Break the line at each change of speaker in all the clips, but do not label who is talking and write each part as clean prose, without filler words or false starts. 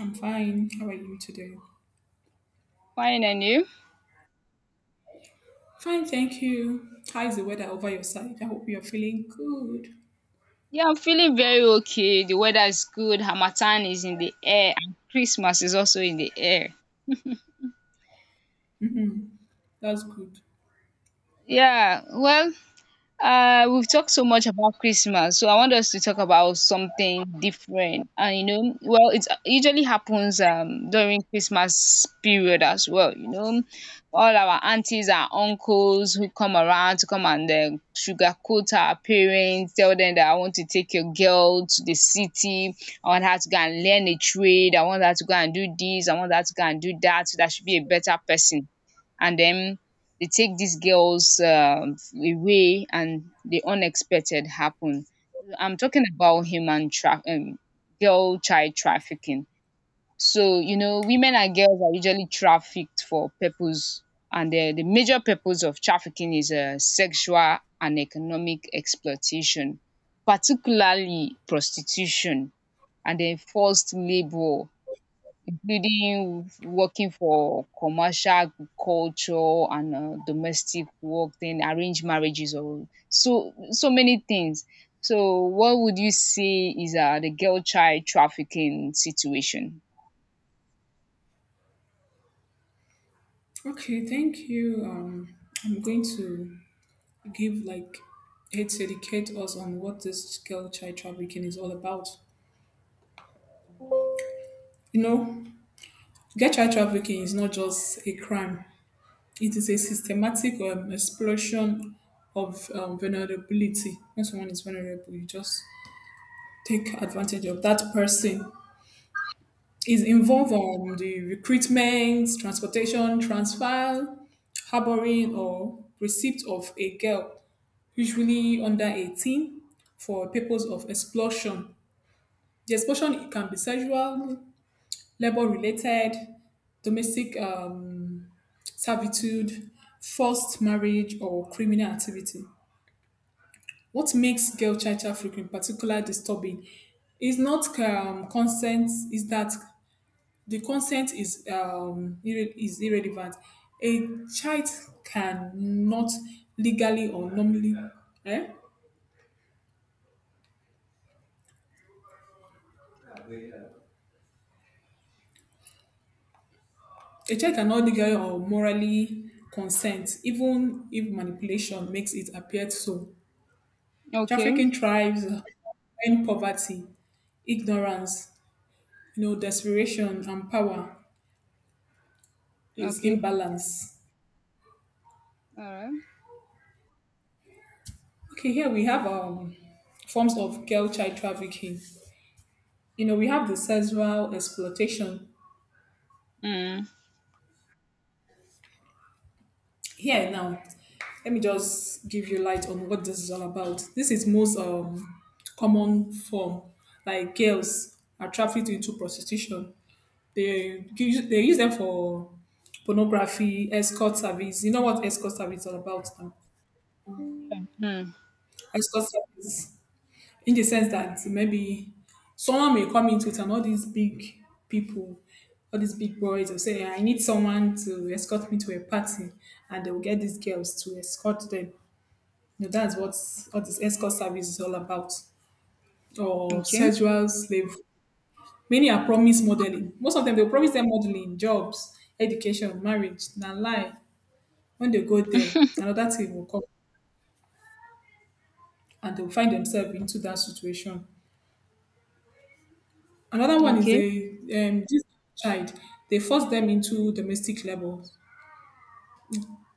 I'm fine. How are you today?
Fine and you?
Fine, thank you. How is the weather over your side? I hope you're feeling good.
Yeah, I'm feeling very okay. The weather is good. Hamatan is in the air and Christmas is also in the air.
That's good.
Yeah, we've talked so much about Christmas, so I want us to talk about something different. And well, it usually happens during Christmas period as well. All our aunties, our uncles who come around to come and sugarcoat our parents, tell them that I want to take your girl to the city, I want her to go and learn a trade, I want her to go and do this, I want her to go and do that, so that she will be a better person and then they take these girls away and the unexpected happen. I'm talking about girl child trafficking. So, you know, women and girls are usually trafficked for purpose, and the major purpose of trafficking is sexual and economic exploitation, particularly prostitution and then forced labor. Building, working for commercial culture and domestic work, then arranged marriages or so many things. So what would you say is the girl child trafficking situation?
Okay, thank you. I'm going to give like it's educate us on what this girl child trafficking is all about. You know, girl child trafficking is not just a crime; it is a systematic explosion of vulnerability. When someone is vulnerable, you just take advantage of that person is involved on the recruitment, transportation, transfer, harboring, or receipt of a girl, usually under 18, for purpose of exploitation. The exploitation can be sexual, labor-related, domestic servitude, forced marriage, or criminal activity. What makes girl child trafficking particularly disturbing is not consent, is that the consent is is irrelevant. A child cannot legally or normally eh? A child cannot legally or morally consent, even if manipulation makes it appear so.
Okay.
Trafficking thrives when poverty, ignorance, you know, desperation and power is
Okay.
imbalance.
All right.
Okay, here we have forms of girl child trafficking. You know, we have the sexual exploitation
Mm.
here now, let me just give you light on what this is all about. This is most common form. Like girls are trafficked into prostitution. They use them for pornography, escort service. You know what escort service is all about now.
Mm.
Escort service, in the sense that maybe someone may come into it and all these big people, all these big boys will say I need someone to escort me to a party and they will get these girls to escort them. You know, that's what this escort service is all about, or
Okay.
sexual slave. Many are promised modeling. Most of them, they promise them modeling, jobs, education, marriage, na lie. When they go there, another thing will come and they'll find themselves into that situation. Another one is
Okay.
a this child. They force them into domestic labor.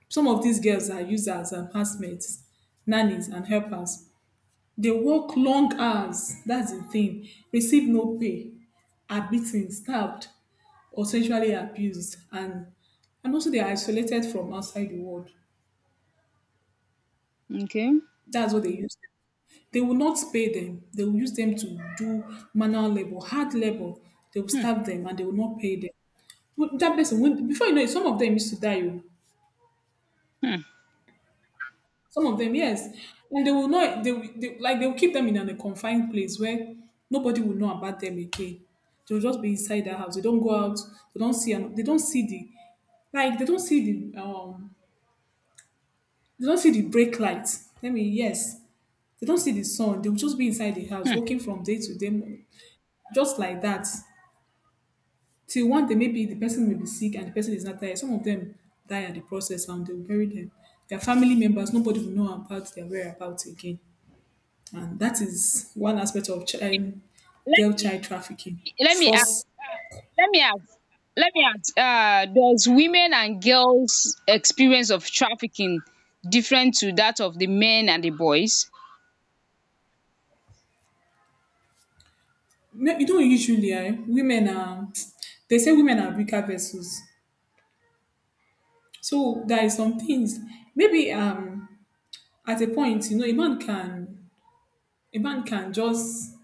Some of these girls are used as enhancements, nannies, and helpers. They work long hours, that's the thing, receive no pay, are beaten, stabbed or sexually abused, and also they are isolated from outside the world.
Okay.
That's what they use. They will not pay them. They will use them to do manual labor, hard labor. They will
Hmm.
starve them and they will not pay them. But that person, when, before you know it, some of them used to die. Oh.
Hmm.
Some of them, yes. And they will not, they like they will keep them in a confined place where nobody will know about them again. They'll just be inside the house. They don't go out. They don't see like they don't see They don't see the brake lights. I mean, yes. They don't see the sun. They will just be inside the house,
Hmm.
working from day to day, just like that. Till one day, maybe the person may be sick and the person is not there. Some of them die at the process and they'll bury them. Their family members, nobody will know about their whereabouts again. And that is one aspect of
Okay. Let
girl
me
child trafficking.
let me ask
First,
let me ask let me ask does women and girls experience of trafficking different to that of the men and the boys?
no, you don't usually, eh, women are, they say women are weaker vessels. So there is some things, maybe at a point, you know, a man can just,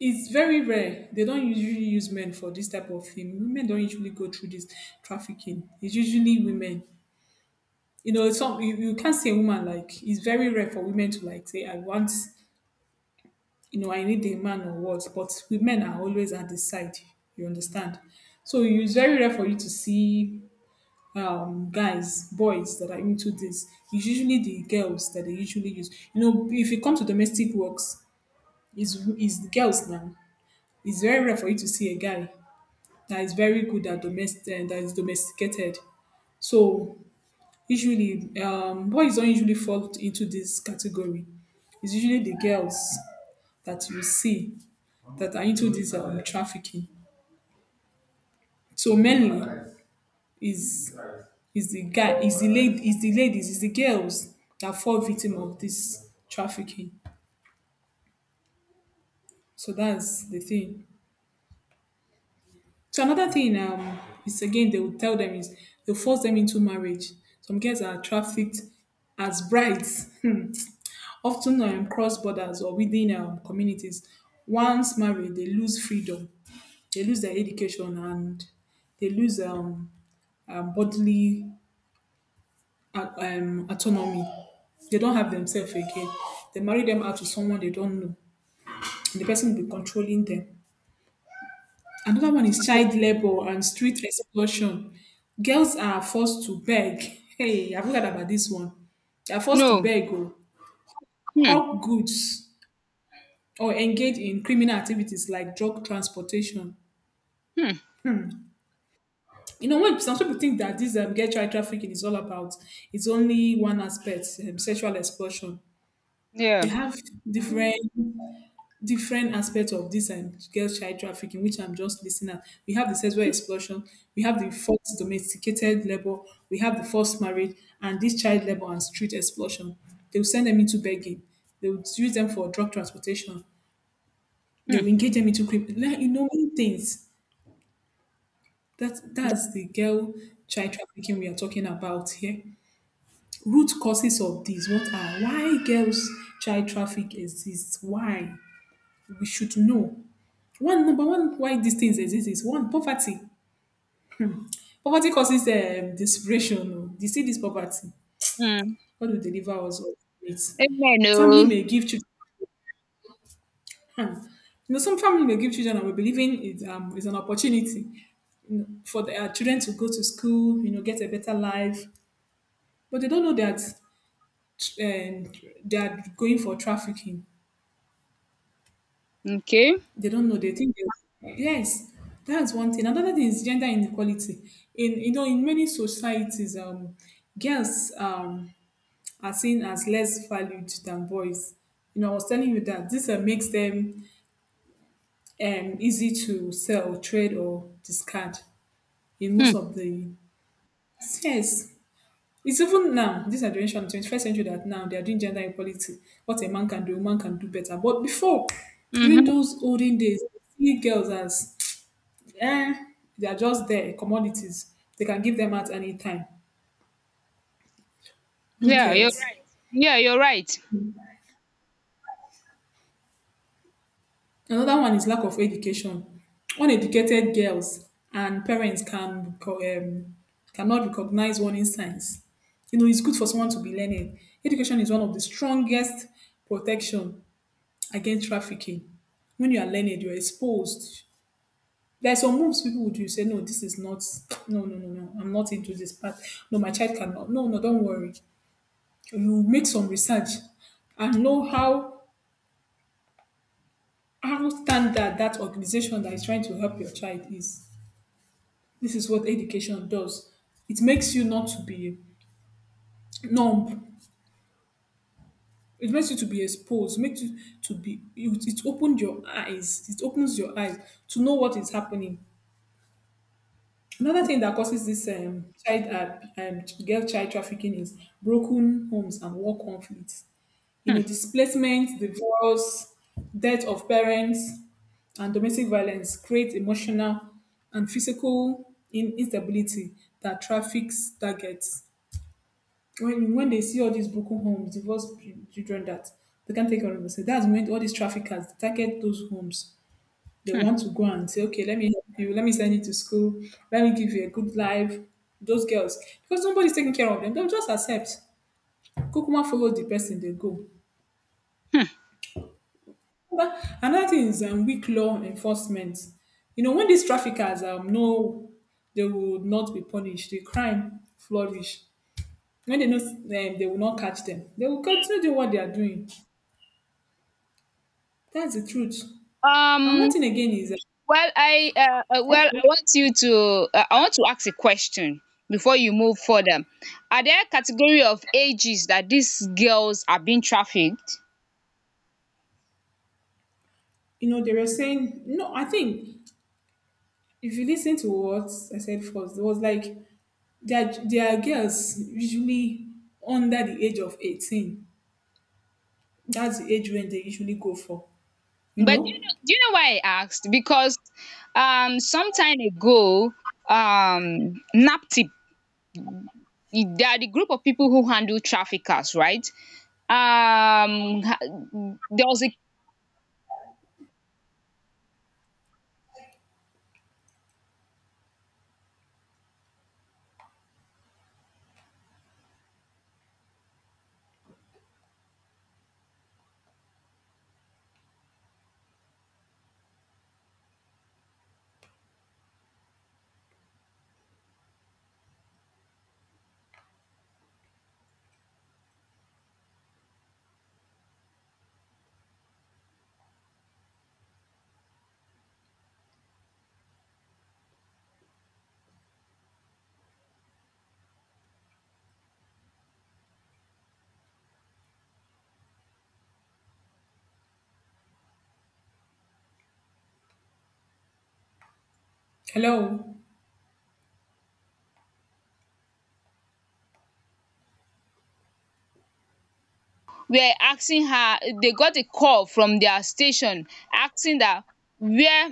it's very rare. They don't usually use men for this type of thing. Women don't usually go through this trafficking. It's usually women. You can't say woman, like it's very rare for women to like say I want, you know, I need a man or what. But with men are always at the side. You understand? So it's very rare for you to see guys, boys that are into this. It's usually the girls that they usually use. You know, if it comes to domestic works, it's the girls now. It's very rare for you to see a guy that is very good at domestic, that is domesticated. So usually, boys don't usually fall into this category. It's usually the girls that you see that are into this trafficking. So mainly is is the guy, is the lady, is the ladies, is the girls that fall victim of this trafficking. So that's the thing. So another thing is again they will tell them is they force them into marriage. Some girls are trafficked as brides, hmm, often cross borders or within communities. Once married, they lose freedom, they lose their education, and they lose bodily autonomy. They don't have themselves again. They marry them out to someone they don't know, and the person will be controlling them. Another one is child labor and street exploitation. Girls are forced to beg. Hey, I've heard about this one. They are forced to
No.
beg or
Hmm.
hawk goods or engage in criminal activities like drug transportation.
Hmm.
You know, when some people think that this girl child trafficking is all about, it's only one aspect, sexual exploitation. They
Yeah.
have different aspects of this and girl child trafficking, which I'm just listing at. We have the sexual exploitation, we have the forced domesticated labor, we have the forced marriage, and this child labor and street exploitation. They will send them into begging. They will use them for drug transportation. They
Hmm.
will engage them into crime. Like, you know, many things. That's the girl child trafficking we are talking about here. Root causes of this. What are why girls child traffic exists? Why? We should know. One, number one, why these things exist is one, poverty. Poverty causes desperation. Oh. You see this poverty,
Hmm.
God will deliver us all from it.
Amen,
Family
oh.
may give children. Hmm. You know, some family may give children, and we believe in it is an opportunity, you know, for their children to go to school, you know, get a better life, but they don't know that um, they are going for trafficking.
Okay.
They don't know. They think they, yes, that's one thing. Another thing is gender inequality. In You know, in many societies, girls are seen as less valued than boys. You know, I was telling you that this makes them easy to sell, trade, or discard in most
Hmm.
of the yes. It's even now, this our generation, 21st century, that now they are doing gender equality. What a man can do, a woman can do better. But before, during
Mhm.
those olden days, we see girls as eh, they are just there, commodities. They can give them at any time. Who
Yeah, you're
cares?
right. Yeah, you're right.
Another one is lack of education. Uneducated girls and parents can cannot recognize warning signs. You know, it's good for someone to be learning. Education is one of the strongest protection against trafficking. When you are learning, you're exposed. There are some moves people would do. You say, no, this is not, no, no, no, no, I'm not into this part. No, my child cannot. No, no, don't worry. You make some research and know how standard that organization that is trying to help your child is. This is what education does. It makes you not to be numb. It makes you to be exposed. Makes you to be. It opened your eyes. It opens your eyes to know what is happening. Another thing that causes this child girl child trafficking is broken homes and war conflicts. You know,
Hmm.
displacement, divorce, death of parents, and domestic violence create emotional and physical instability that traffics targets. When they see all these broken homes, children that they can't take care of themselves, that's when all these traffickers they target those homes. They
Hmm.
want to go and say, okay, let me help you, let me send you to school, let me give you a good life. Those girls, because nobody's taking care of them, they'll just accept. Kukuma follow the person, they go.
Hmm.
Another thing is weak law enforcement. You know, when these traffickers know they will not be punished, the crime flourish. When they know they will not catch them, they will continue doing what they are doing. That's the truth. And
um
one thing again is,
Well, I uh, uh, well,
okay,
I want you to I want to ask a question before you move further. Are there category of ages that these girls are being trafficked?
you know, they were saying, no, I think if you listen to what I said first, it was like they are girls usually under the age of 18. That's the age when they usually go for, you
But
know?
do you know why I asked? Because some time ago, NAPTIP, they are the group of people who handle traffickers, right? There was a
Hello?
are asking her they got a call from their station asking that where